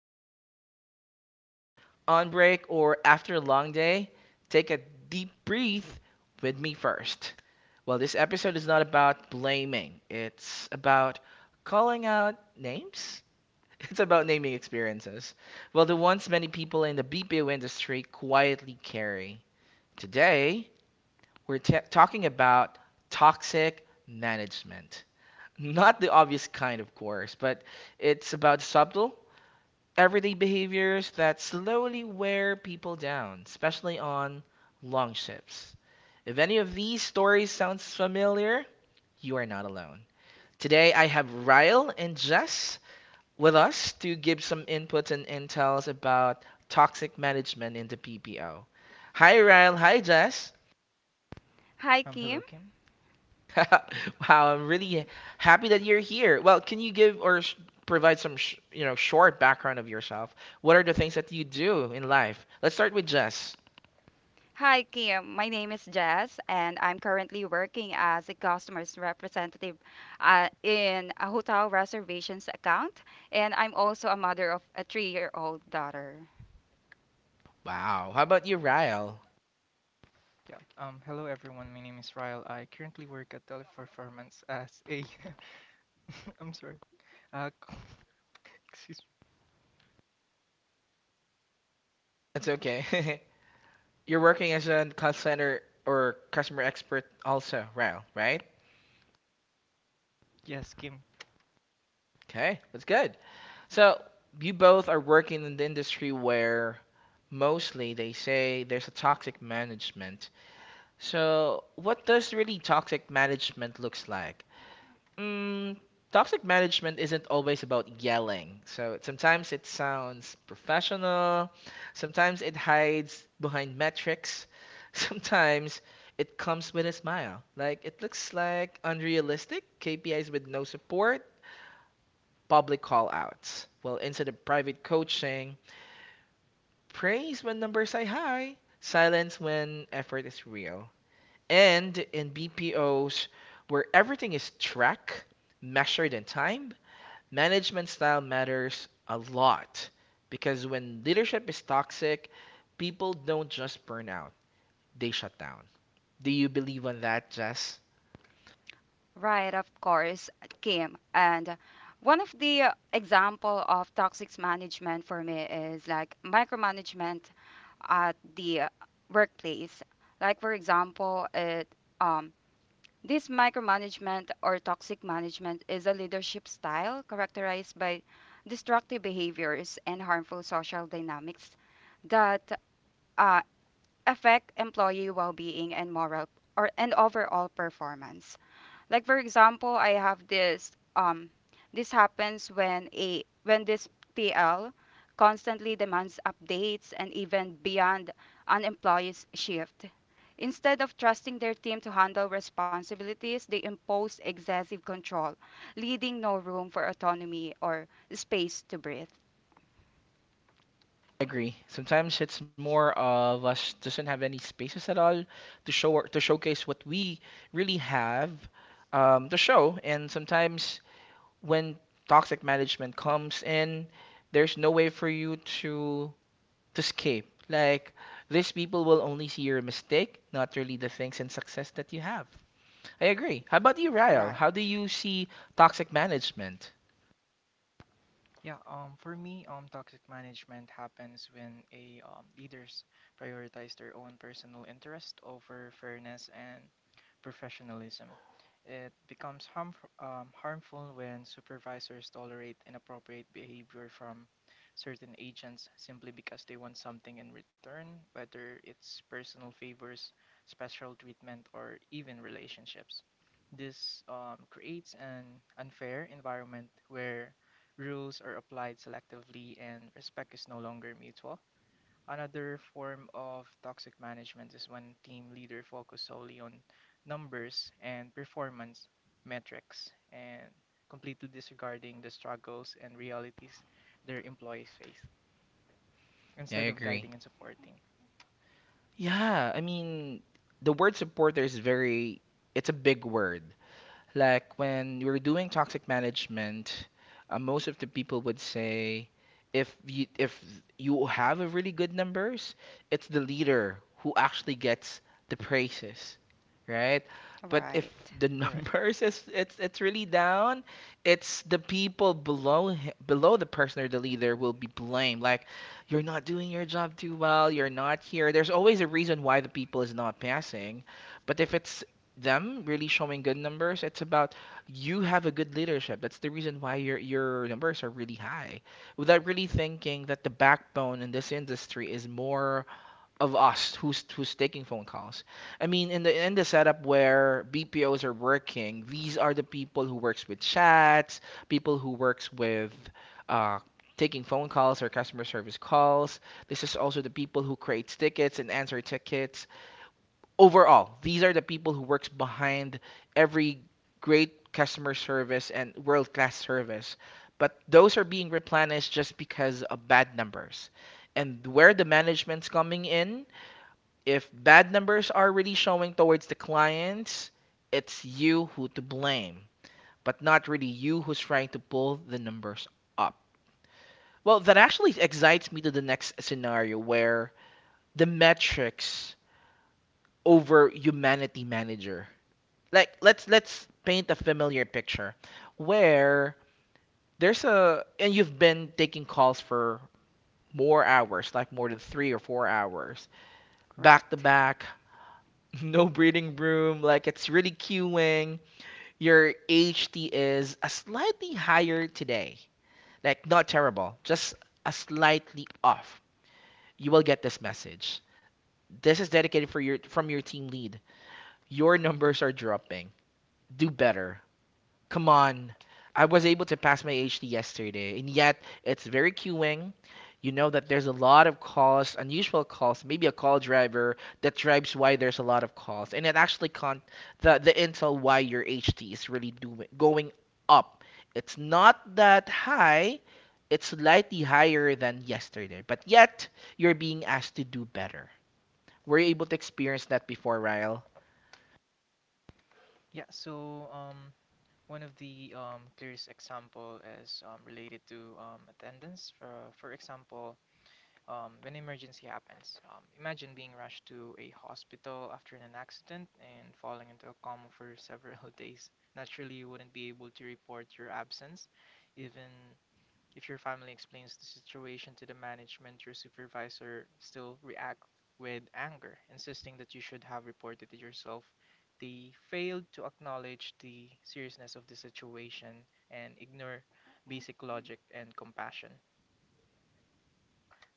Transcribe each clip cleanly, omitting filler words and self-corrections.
to this while on shift, on break, or after a long day, take a deep breath with me first. Well, this episode is not about blaming, it's about calling out names. It's about naming experiences. Well, the ones many people in the BPO industry quietly carry. Today, we're ta talking about toxic management. Not the obvious kind, of course, but it's about subtle, everyday behaviors that slowly wear people down, especially on long ships. If any of these stories sounds familiar, you are not alone. Today I have Ryle and Jess with us to give some inputs and intels about toxic management in the PPO. Hi Ryle, hi Jess. Hi, Um, Kim. hello, Wow, I'm really happy that you're here. Well, can you give or sh provide some sh short background of yourself? What are the things that you do in life? Let's start with Jess. Hi, Kim. My name is Jess, and I'm currently working as a customer's representative in a hotel reservations account. And I'm also a mother of a 3 year old daughter. Wow. How about you, Ryle? Kim. Yeah. Hello, everyone. My name is Ryle. I currently work at Teleperformance as a. I'm sorry. Uh, excuse me. That's okay. You're working as a call center or customer expert also, Ryle, right? Yes, Kim. Okay, that's good. So you both are working in the industry where mostly they say there's a toxic management. So what does really toxic management looks like? Mm, toxic management isn't always about yelling. So sometimes it sounds professional, sometimes it hides behind metrics, sometimes it comes with a smile. Like it looks like unrealistic KPIs with no support, public call outs. Well, instead of private coaching, praise when numbers are high, silence when effort is real. And in BPOs, where everything is tracked, measured in time, management style matters a lot because when leadership is toxic, people don't just burn out, they shut down. Do you believe on that, Jess? Right, of course, Kim. And one of the example of toxic management for me is like micromanagement at the workplace. Like for example, it um, this micromanagement or toxic management is a leadership style characterized by destructive behaviors and harmful social dynamics that uh, affect employee well-being and moral or and overall performance. Like for example, I have this this happens when a when this PL constantly demands updates and even beyond an employee's shift. Instead of trusting their team to handle responsibilities, they impose excessive control, leaving no room for autonomy or space to breathe. I agree. Sometimes it's more of us doesn't have any spaces at all to show to showcase what we really have to show, and sometimes when toxic management comes in, there's no way for you to escape. Like these people will only see your mistake, not really the things and success that you have. I agree. How about you, Ryle? Right. How do you see toxic management? Yeah, for me, toxic management happens when a leaders prioritize their own personal interest over fairness and professionalism. It becomes harmful when supervisors tolerate inappropriate behavior from certain agents simply because they want something in return, whether it's personal favors, special treatment, or even relationships. This creates an unfair environment where rules are applied selectively and respect is no longer mutual. Another form of toxic management is when team leader focus solely on numbers and performance metrics and completely disregarding the struggles and realities their employees face Yeah, I instead of agree. guiding and supporting. Yeah, I mean, the word supporter is very, it's a big word. Like when you're doing toxic management, most of the people would say if you have a really good numbers, it's the leader who actually gets the praises, right? But if Right. the Correct. numbers is it's really down, it's the people below below the person or the leader will be blamed. Like you're not doing your job too well, you're not here. There's always a reason why the people is not passing. But if it's them really showing good numbers. It's about you have a good leadership. That's the reason why your numbers are really high. Without really thinking that the backbone in this industry is more of us who's taking phone calls. I mean, in the setup where BPOs are working, these are the people who works with chats, people who works with uh, taking phone calls or customer service calls. This is also the people who creates tickets and answer tickets overall, these are the people who works behind every great customer service and world-class service. But those are being replenished just because of bad numbers. And where the management's coming in, if bad numbers are really showing towards the clients, it's you who to blame, but not really you who's trying to pull the numbers up. Well, that actually excites me to the next scenario where the metrics over humanity manager like let's paint a familiar picture where there's a and you've been taking calls for more hours like more than 3 or 4 hours back to Correct. back no breathing room like it's really queuing your HT is a slightly higher today like not terrible just a slightly off you will get this message this is dedicated for your from your team lead your numbers are dropping do better. Come on. I was able to pass my HT yesterday, and yet it's very queuing. You know that there's a lot of calls, unusual calls, maybe a call driver that drives why there's a lot of calls. And it actually can't the intel why your HT is really doing going up. It's not that high. It's slightly higher than yesterday, but yet you're being asked to do better. Were you able to experience that before, Ryle? Yeah, so um, one of the clearest example is related to attendance. For example, when emergency happens. Imagine being rushed to a hospital after an accident and falling into a coma for several days. Naturally, you wouldn't be able to report your absence, even if your family explains the situation to the management. Your supervisor still react with anger, insisting that you should have reported it yourself. They failed to acknowledge the seriousness of the situation and ignore basic logic and compassion.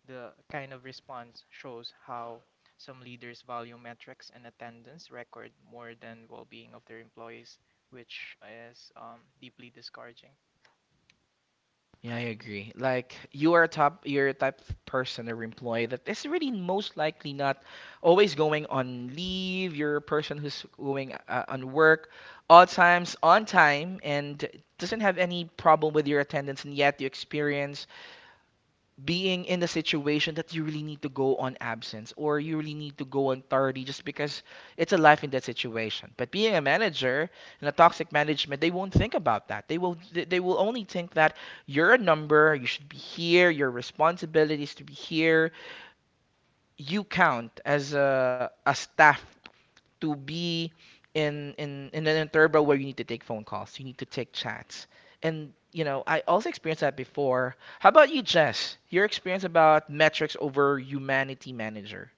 The kind of response shows how some leaders value metrics and attendance record more than well-being of their employees, which is deeply discouraging. Yeah, I agree. Like you are a top, you're a type of person or employee that is really most likely not always going on leave. You're a person who's going on work all times on time and doesn't have any problem with your attendance, and yet you experience being in the situation that you really need to go on absence or you really need to go on tardy just because it's a life in that situation. But being a manager in a toxic management, they won't think about that. They will only think that you're a number, you should be here, your responsibility is to be here. You count as a staff to be in an interval where you need to take phone calls, you need to take chats, and you know I also experienced that before. How about you, Jess? Your experience about metrics over humanity manager?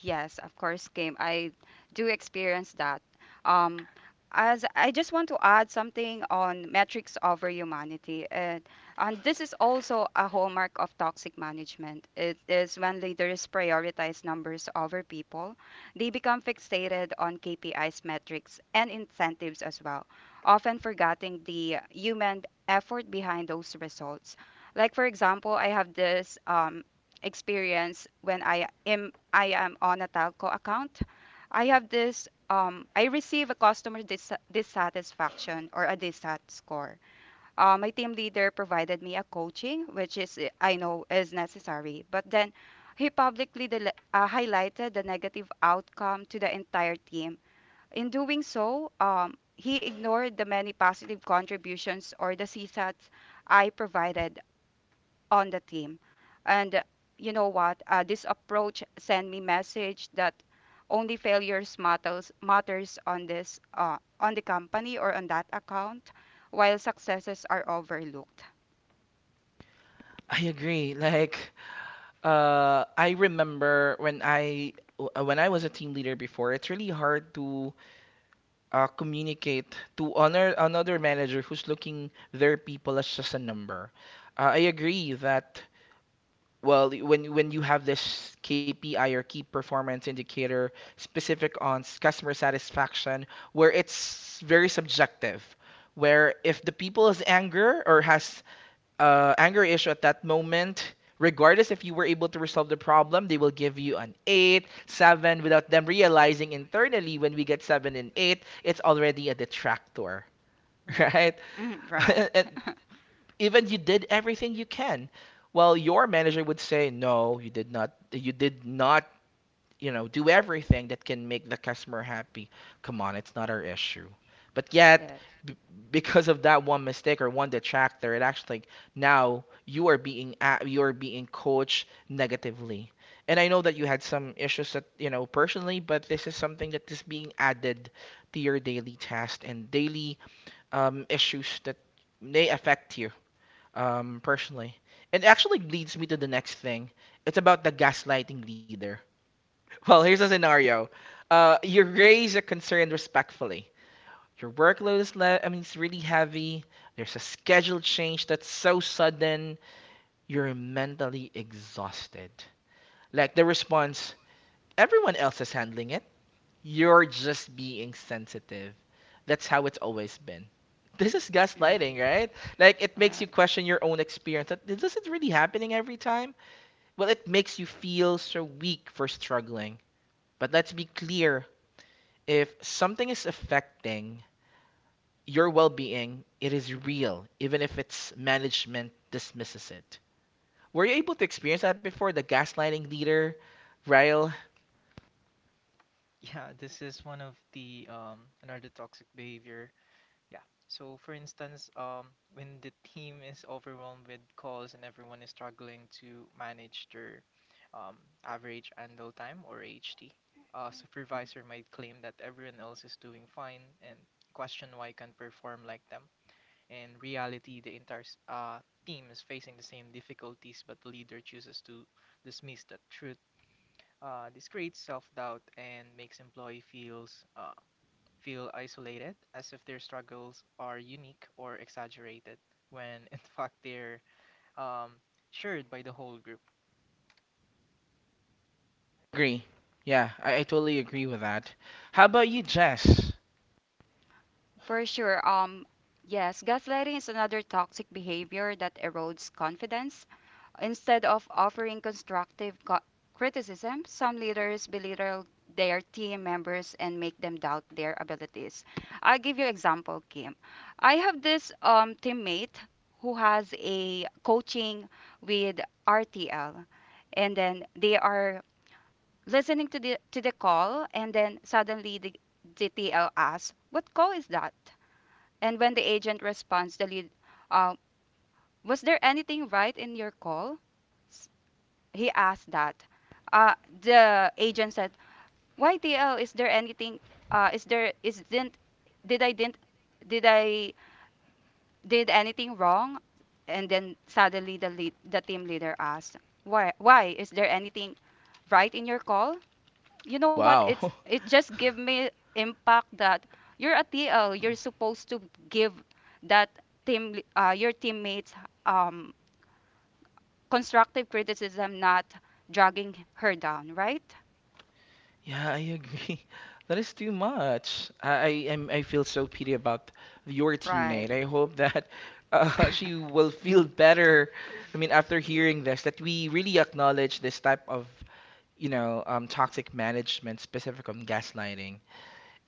Yes, of course, Kim. I do experience that. Um, as I just want to add something on metrics over humanity, and this is also a hallmark of toxic management. It is when leaders prioritize numbers over people, they become fixated on KPIs, metrics, and incentives as well, often forgetting the human effort behind those results. Like for example, I have this experience when I am on a telco account. I have this, I receive a customer dissatisfaction or a dissat score. My team leader provided me a coaching, which is I know is necessary, but then he publicly highlighted the negative outcome to the entire team. In doing so, he ignored the many positive contributions or the CSATs I provided on the team. And you know what? This approach sent me message that only failures matters on this on the company or on that account, while successes are overlooked. I agree. Like, I remember when when I was a team leader before, it's really hard to communicate to honor another manager who's looking their people as just a number. I agree that. Well, when you have this KPI or key performance indicator specific on customer satisfaction, where it's very subjective, where if the people is anger or has anger issue at that moment, regardless if you were able to resolve the problem, they will give you an eight, seven, without them realizing internally when we get seven and eight, it's already a detractor, Right. right? Mm, right. And even you did everything you can. Well, your manager would say, "No, you did not. You did not, you know, do everything that can make the customer happy. Come on, it's not our issue." But yet, Yes. b- because of that one mistake or one detractor, it actually now you are being coached negatively. And I know that you had some issues that you know personally, but this is something that is being added to your daily task and daily issues that may affect you personally. It actually leads me to the next thing. It's about the gaslighting leader. Well, here's a scenario. You raise a concern respectfully. Your workload is I mean, it's really heavy. There's a schedule change that's so sudden. You're mentally exhausted. Like the response, everyone else is handling you're just being sensitive. That's how it's always been. This is Mm, gaslighting, right? Like it makes you right. question your own experience. That this is really happening every time. Well, it makes you feel so weak for struggling. But let's be clear, if something is affecting your well-being, it is real, even if its management dismisses it. Were you able to experience that before? The gaslighting leader, Ryle? Yeah, this is one of the another toxic behavior. Yeah. So, for instance, when the team is overwhelmed with calls and everyone is struggling to manage their um, average handle time or HT, a supervisor might claim that everyone else is doing fine and question why can't perform like them. In reality, the team is facing the same difficulties, but the leader chooses to dismiss the truth. This creates self-doubt and makes employee feel isolated, as if their struggles are unique or exaggerated, when in fact they're um, shared by the whole group. Agree. Yeah, I totally agree with that. How about you, Jess? For sure. Yes, gaslighting is another toxic behavior that erodes confidence. Instead of offering constructive criticism, some leaders belittle their team members and make them doubt their abilities. I'll give you example, Kim. I have this teammate who has a coaching with RTL, and then they are listening to the call, and then suddenly the GTL asks, "What call is that?" And when the agent responds, the lead, uh, "Was there anything right in your call?" He asked that, uh, the agent said, "Why TL? Is there anything? Is there is didn't did I did anything wrong?" And then suddenly the lead, the team leader asked, "Why is there anything right in your call?" You know what? Wow. It's it just give me impact that you're a TL. You're supposed to give that your teammates um, constructive criticism, not dragging her down, right? Yeah, I agree. That is too much. I feel so pity about your teammate. Right. I hope that Uh, she will feel better. I mean, after hearing this, that we really acknowledge this type of, you know, toxic management specific on gaslighting.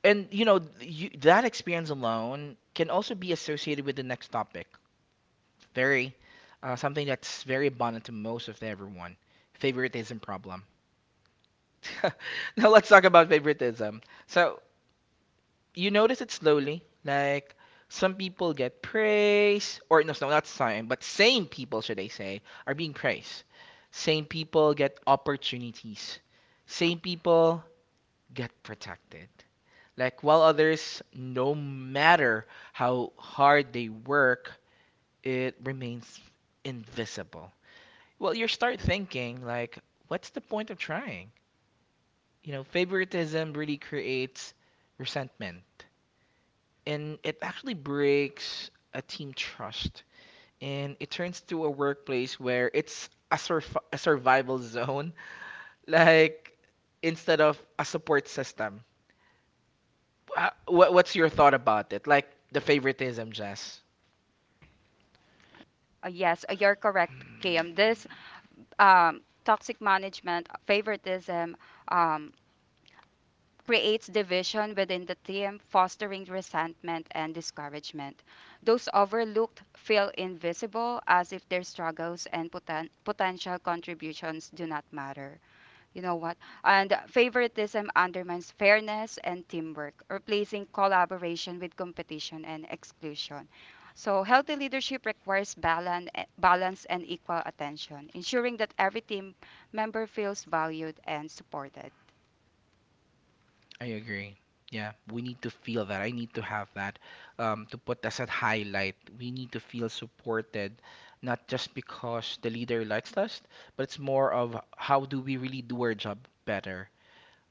And that experience alone can also be associated with the next topic. Very something that's very abundant to most of everyone. Favoritism problem. Now let's talk about favoritism. So you notice it slowly. Like some people get praise, or not some, but same people, should I say, are being praised. Same people get opportunities. Same people get protected. Like while others, no matter how hard they work, it remains invisible. Well, you start thinking like, what's the point of trying? You know, favoritism really creates resentment. And it actually breaks a team trust. And it turns to a workplace where it's a survival zone, like instead of a support system. What's your thought about it? Like the favoritism, Jess? yes, you're correct, Kim. Hmm. This toxic management, favoritism, um, creates division within the team, fostering resentment and discouragement. Those overlooked feel invisible as if their struggles and potential contributions do not matter. You know what? And favoritism undermines fairness and teamwork, replacing collaboration with competition and exclusion. So, healthy leadership requires balance and equal attention, ensuring that every team member feels valued and supported. I agree. Yeah, we need to feel that. I need to have that to put as a highlight. We need to feel supported, not just because the leader likes us, but it's more of how do we really do our job better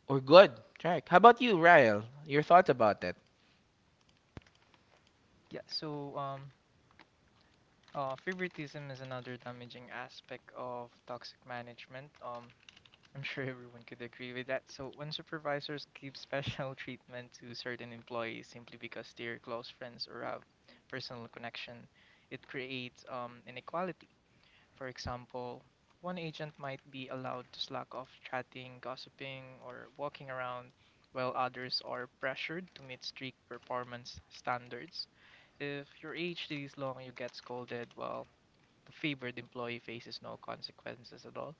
or good. Right. How about you, Ryle? Your thoughts about that? Yeah, so um, favoritism is another damaging aspect of toxic management. I'm sure everyone could agree with that. So when supervisors give special treatment to certain employees simply because they're close friends or have personal connection, it creates inequality. For example, one agent might be allowed to slack off chatting, gossiping, or walking around, while others are pressured to meet strict performance standards. If your age is long, you get scolded, while the favored employee faces no consequences at all.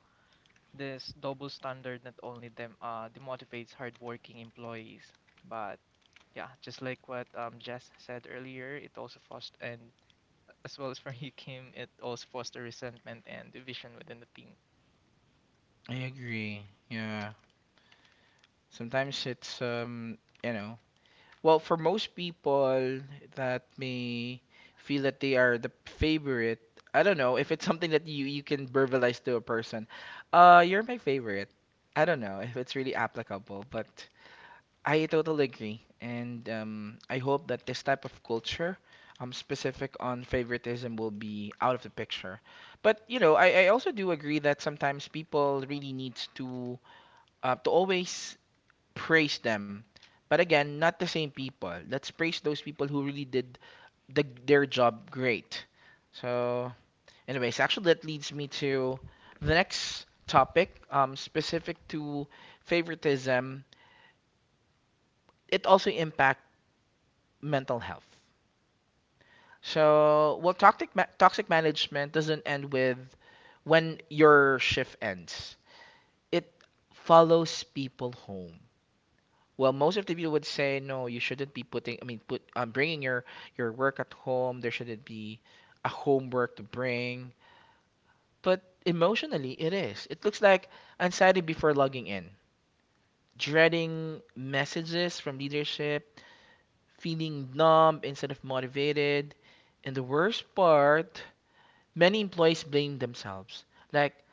This double standard not only demotivates hardworking employees, but yeah, just like what Jess said earlier, it also fosters, and as well as for you, Kim, it also fosters resentment and division within the team. I agree. Yeah. Sometimes well, for most people that may feel that they are the favorite, I don't know if it's something that you can verbalize to a person. You're my favorite. I don't know if it's really applicable, but I totally agree, and I hope that this type of culture, specific on favoritism, will be out of the picture. But I also do agree that sometimes people really needs to always praise them. But again, not the same people. Let's praise those people who really did their job great. So, anyways, actually, that leads me to the next topic, specific to favoritism. It also impacts mental health. So, well, toxic management doesn't end with when your shift ends. It follows people home. Well, most of the people would say no. You shouldn't be putting. I mean, put Bringing your work at home. There shouldn't be a homework to bring. But emotionally, it is. It looks like anxiety before logging in, dreading messages from leadership, feeling numb instead of motivated, and the worst part, many employees blame themselves. Like,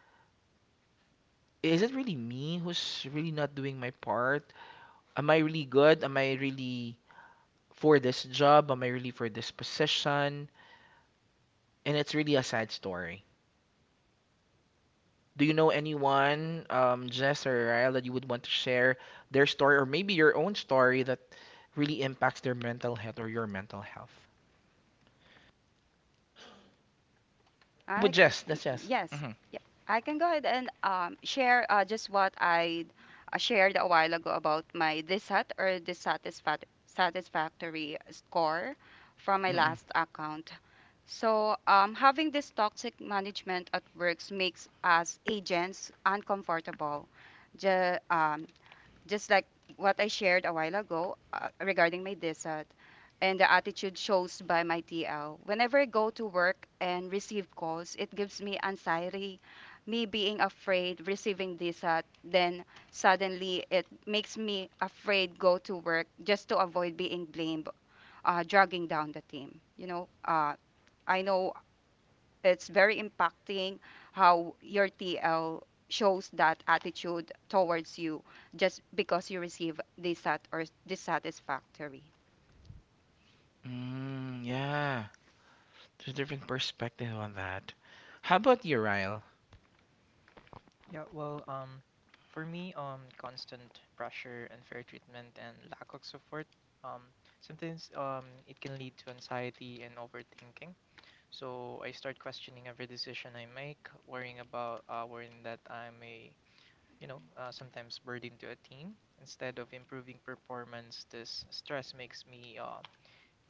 is it really me who's really not doing my part? Am I really good? Am I really for this job? Am I really for this position? And it's really a sad story. Do you know anyone, Jess or Ryle, that you would want to share their story or maybe your own story that really impacts their mental health or your mental health? But I Jess, that's Jess. yes, Mm-hmm. yeah, I can go ahead and share just what I shared a while ago about my dissat or dissatisfat satisfactory score from my Mm-mm. last account. So, having this toxic management at works makes us agents uncomfortable. Ju- um, just like what I shared a while ago regarding my DSAT and the attitude shows by my TL. Whenever I go to work and receive calls, it gives me anxiety, me being afraid receiving DSAT. Then suddenly it makes me afraid go to work just to avoid being blamed, dragging down the team. You know, I know it's very impacting how your TL shows that attitude towards you just because you receive dissat or dissatisfactory. Mm, yeah. There's a different perspective on that. How about you, Ryle? Yeah, well, um, for me, constant pressure, unfair treatment, and lack of support, um, sometimes it can lead to anxiety and overthinking. So I start questioning every decision I make, worrying about worrying that I'm a, you know, sometimes burden to a team. Instead of improving performance, this stress makes me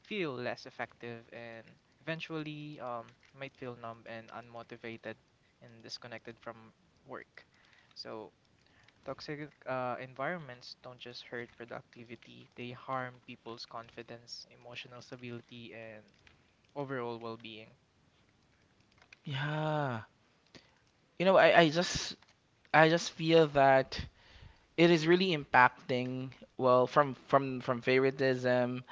feel less effective and eventually might feel numb and unmotivated and disconnected from work. So, toxic environments don't just hurt productivity, they harm people's confidence, emotional stability, and overall well being. Yeah. I just I just feel that it is really impacting well from favoritism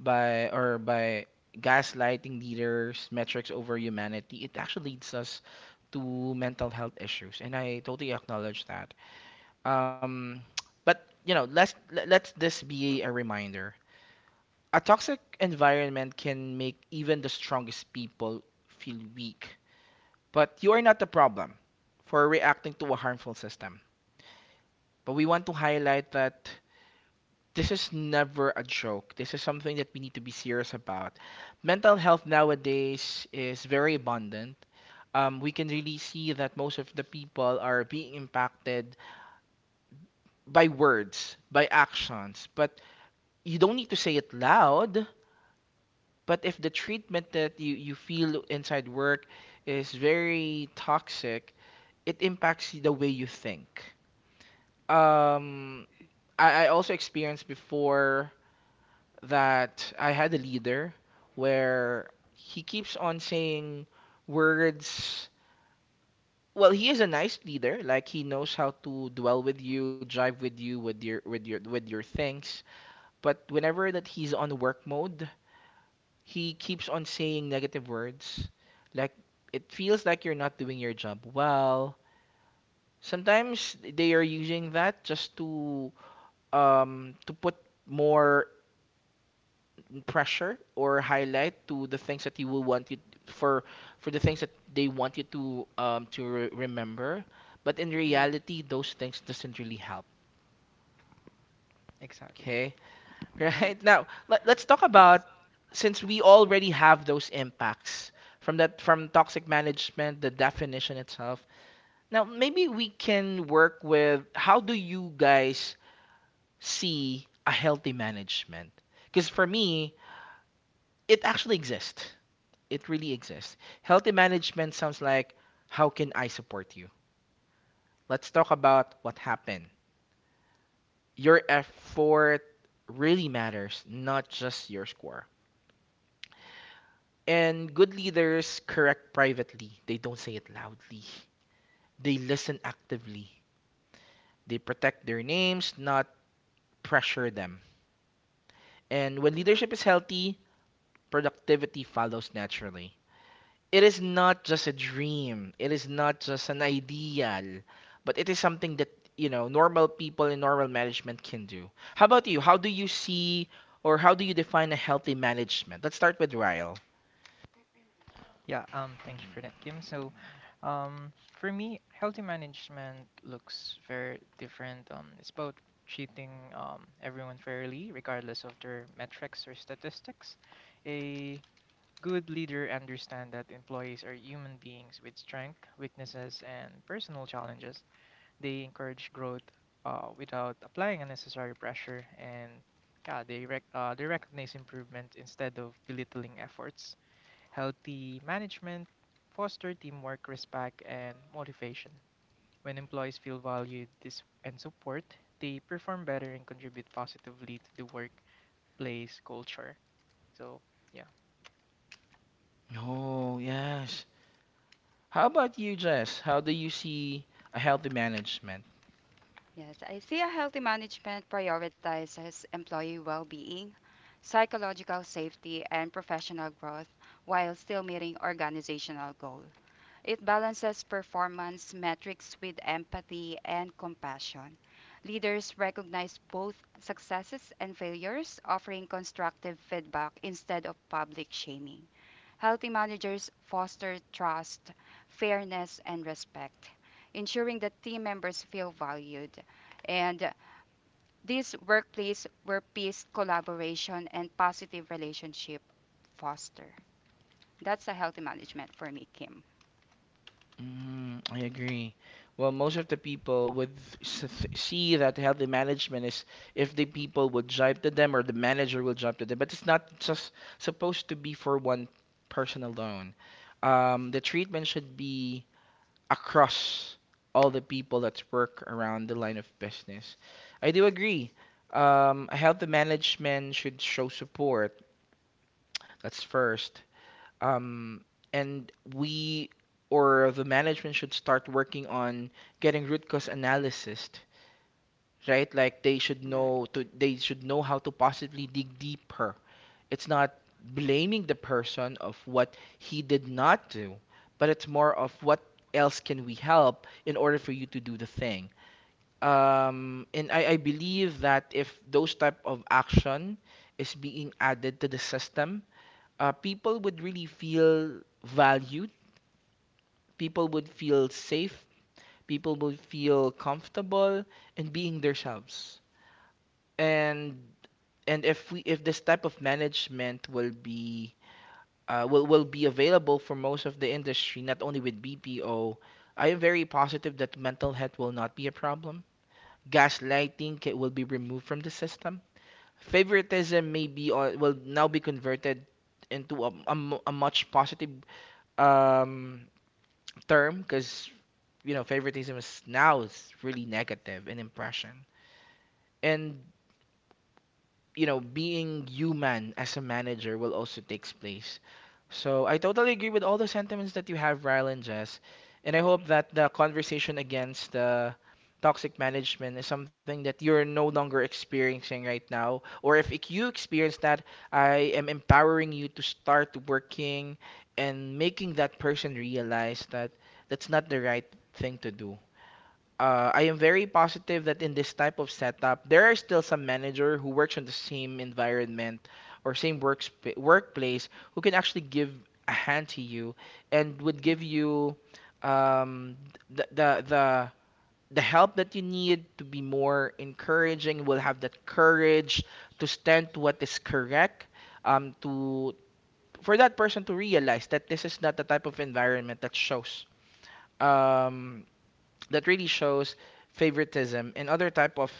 by gaslighting leaders, metrics over humanity, it actually leads us to mental health issues, and I totally acknowledge that. um but you know, let this be a reminder. A toxic environment can make even the strongest people feel weak, but you are not the problem for reacting to a harmful system. But we want to highlight that this is never a joke. This is something that we need to be serious about. Mental health nowadays is very abundant. We can really see that most of the people are being impacted by words, by actions. But you don't need to say it loud. But if the treatment that you feel inside work is very toxic, it impacts the way you think. Um, I also experienced before that I had a leader where he keeps on saying words. Well, he is a nice leader. Like he knows how to dwell with you, drive with you with your things. But whenever that he's on work mode, he keeps on saying negative words. Like it feels like you're not doing your job well. Sometimes they are using that just to put more pressure or highlight to the things that you will want you for for the things that they want you to remember, but in Mm, reality those things doesn't really help. Exactly. Okay. Right right. now, let's talk about, since we already have those impacts from toxic management, the definition itself, now maybe we can work with how do you guys see a healthy management, because for me it actually exists, it really exists. Healthy management sounds like, how can I support you? Let's talk about what happened. Your effort really matters, not just your score. And good leaders correct privately, they don't say it loudly. They listen actively, they protect their names, not pressure them. And when leadership is healthy, productivity follows naturally. It is not just a dream. It is not just an ideal, but it is something that, you know, normal people in normal management can do. How about you? How do you see or how do you define a healthy management? Let's start with Ryle. Yeah, thank you for that, Kim. So, for me, healthy management looks very different. It's about treating everyone fairly, regardless of their metrics or statistics. A good leader understands that employees are human beings with strengths, weaknesses, and personal challenges. They encourage growth without applying unnecessary pressure, and yeah, they recognize improvement instead of belittling efforts. Healthy management foster teamwork, respect, and motivation. When employees feel and support, they perform better and contribute positively to the workplace culture. So, yeah, Oh, yes. How about you, Jess? How do you see a healthy management? Yes, I see a healthy management prioritizes employee well-being, psychological safety, and professional growth while still meeting organizational goals. It balances performance metrics with empathy and compassion. Leaders recognize both successes and failures, offering constructive feedback instead of public shaming. Healthy managers foster trust, fairness, and respect, ensuring that team members feel valued. And this workplace where peace, collaboration, and positive relationship foster. That's a healthy management for me, Kim. Mm, I agree. Well, most of the people would see that healthy management is if the people would jive to them or the manager will jive to them, but it's not just supposed to be for one person alone. The treatment should be across all the people that work around the line of business. I do agree. A healthy management should show support. That's first. um, and we or the management should start working on getting root cause analysis right. Like they should know Right. to they should know how to possibly dig deeper. It's not blaming the person of what he did not do, but it's more of what else can we help in order for you to do the thing. And I believe that if those type of action is being added to the system, people would really feel valued, people would feel safe, people would feel comfortable in being themselves. And if this type of management will be available for most of the industry, not only with BPO, I am very positive that mental health will not be a problem. Will be removed from the system. Favoritism may be or will now be converted into a much positive um, term, because you know favoritism is really negative in impression. And you know being human as a manager will also takes place. So I totally agree with all the sentiments that you have, Ryle and Jess, and I hope that the conversation against the toxic management is something that you're no longer experiencing right now, or if it- you experience that, I am empowering you to start working and making that person realize that that's not the right thing to do. I am very positive that in this type of setup, there are still some manager who works on the same environment or same works workplace, who can actually give a hand to you and would give Mm. you, um, the, the the the help that you need to be more encouraging. Will have that courage to stand to what is correct. To For that person to realize that this is not the type of environment that shows. Um, that really shows favoritism and other type of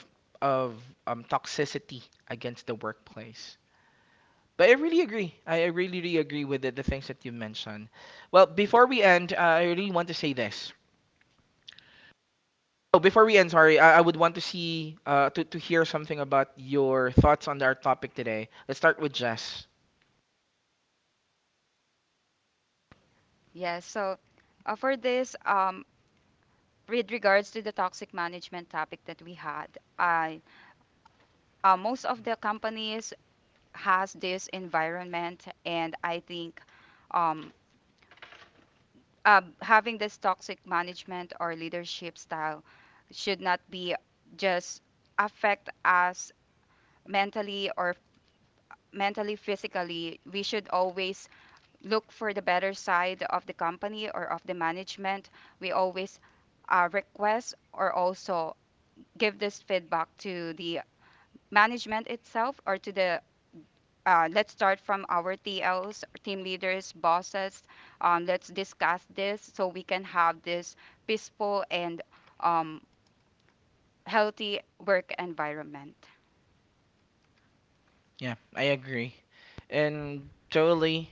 of um, toxicity against the workplace. But I really agree. I really, really agree with the things that you mentioned. Well, before we end, I really want to say this. Oh, before we end, sorry, I would want to see to hear something about your thoughts on our topic today. Let's start with Jess. Yes. So, for this, with regards to the toxic management topic that we had, I most of the companies has this environment, and I think um, having this toxic management or leadership style should not be just affect us mentally or mentally physically. We should always look for the better side of the company or of the management. We always request or also give this feedback to the management itself or to the let's start from our TLs, team leaders, bosses. Let's discuss this so we can have this peaceful and um, healthy work environment. Yeah, I agree. And totally,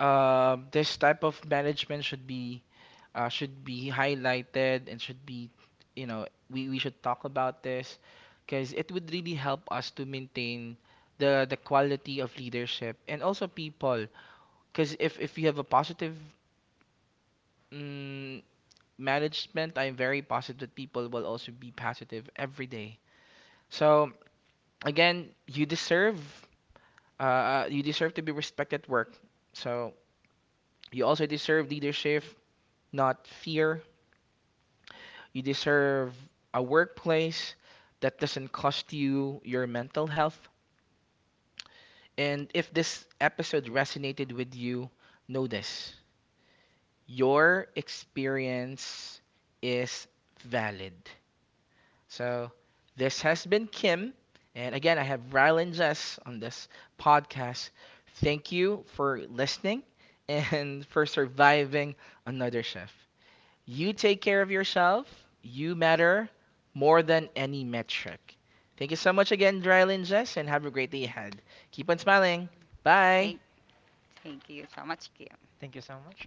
this type of management should be highlighted and should be, you know, we should talk about this, because it would really help us to maintain the quality of leadership and also people. Because if you have a positive, mm, management, I'm very positive that people will also be positive every day. So again, you deserve to be respected at work. So you also deserve leadership, not fear. You deserve a workplace that doesn't cost you your mental health. And if this episode resonated with you, know this, your experience is valid. So, this has been Kim. And again, I have Rylan Jess on this podcast. Thank you for listening and for surviving another shift. You take care of yourself. You matter more than any metric. Thank you so much again, Dryland Jess, and have a great day ahead. Keep on smiling. Bye. Thank, thank you so much, Kia. thank you so much.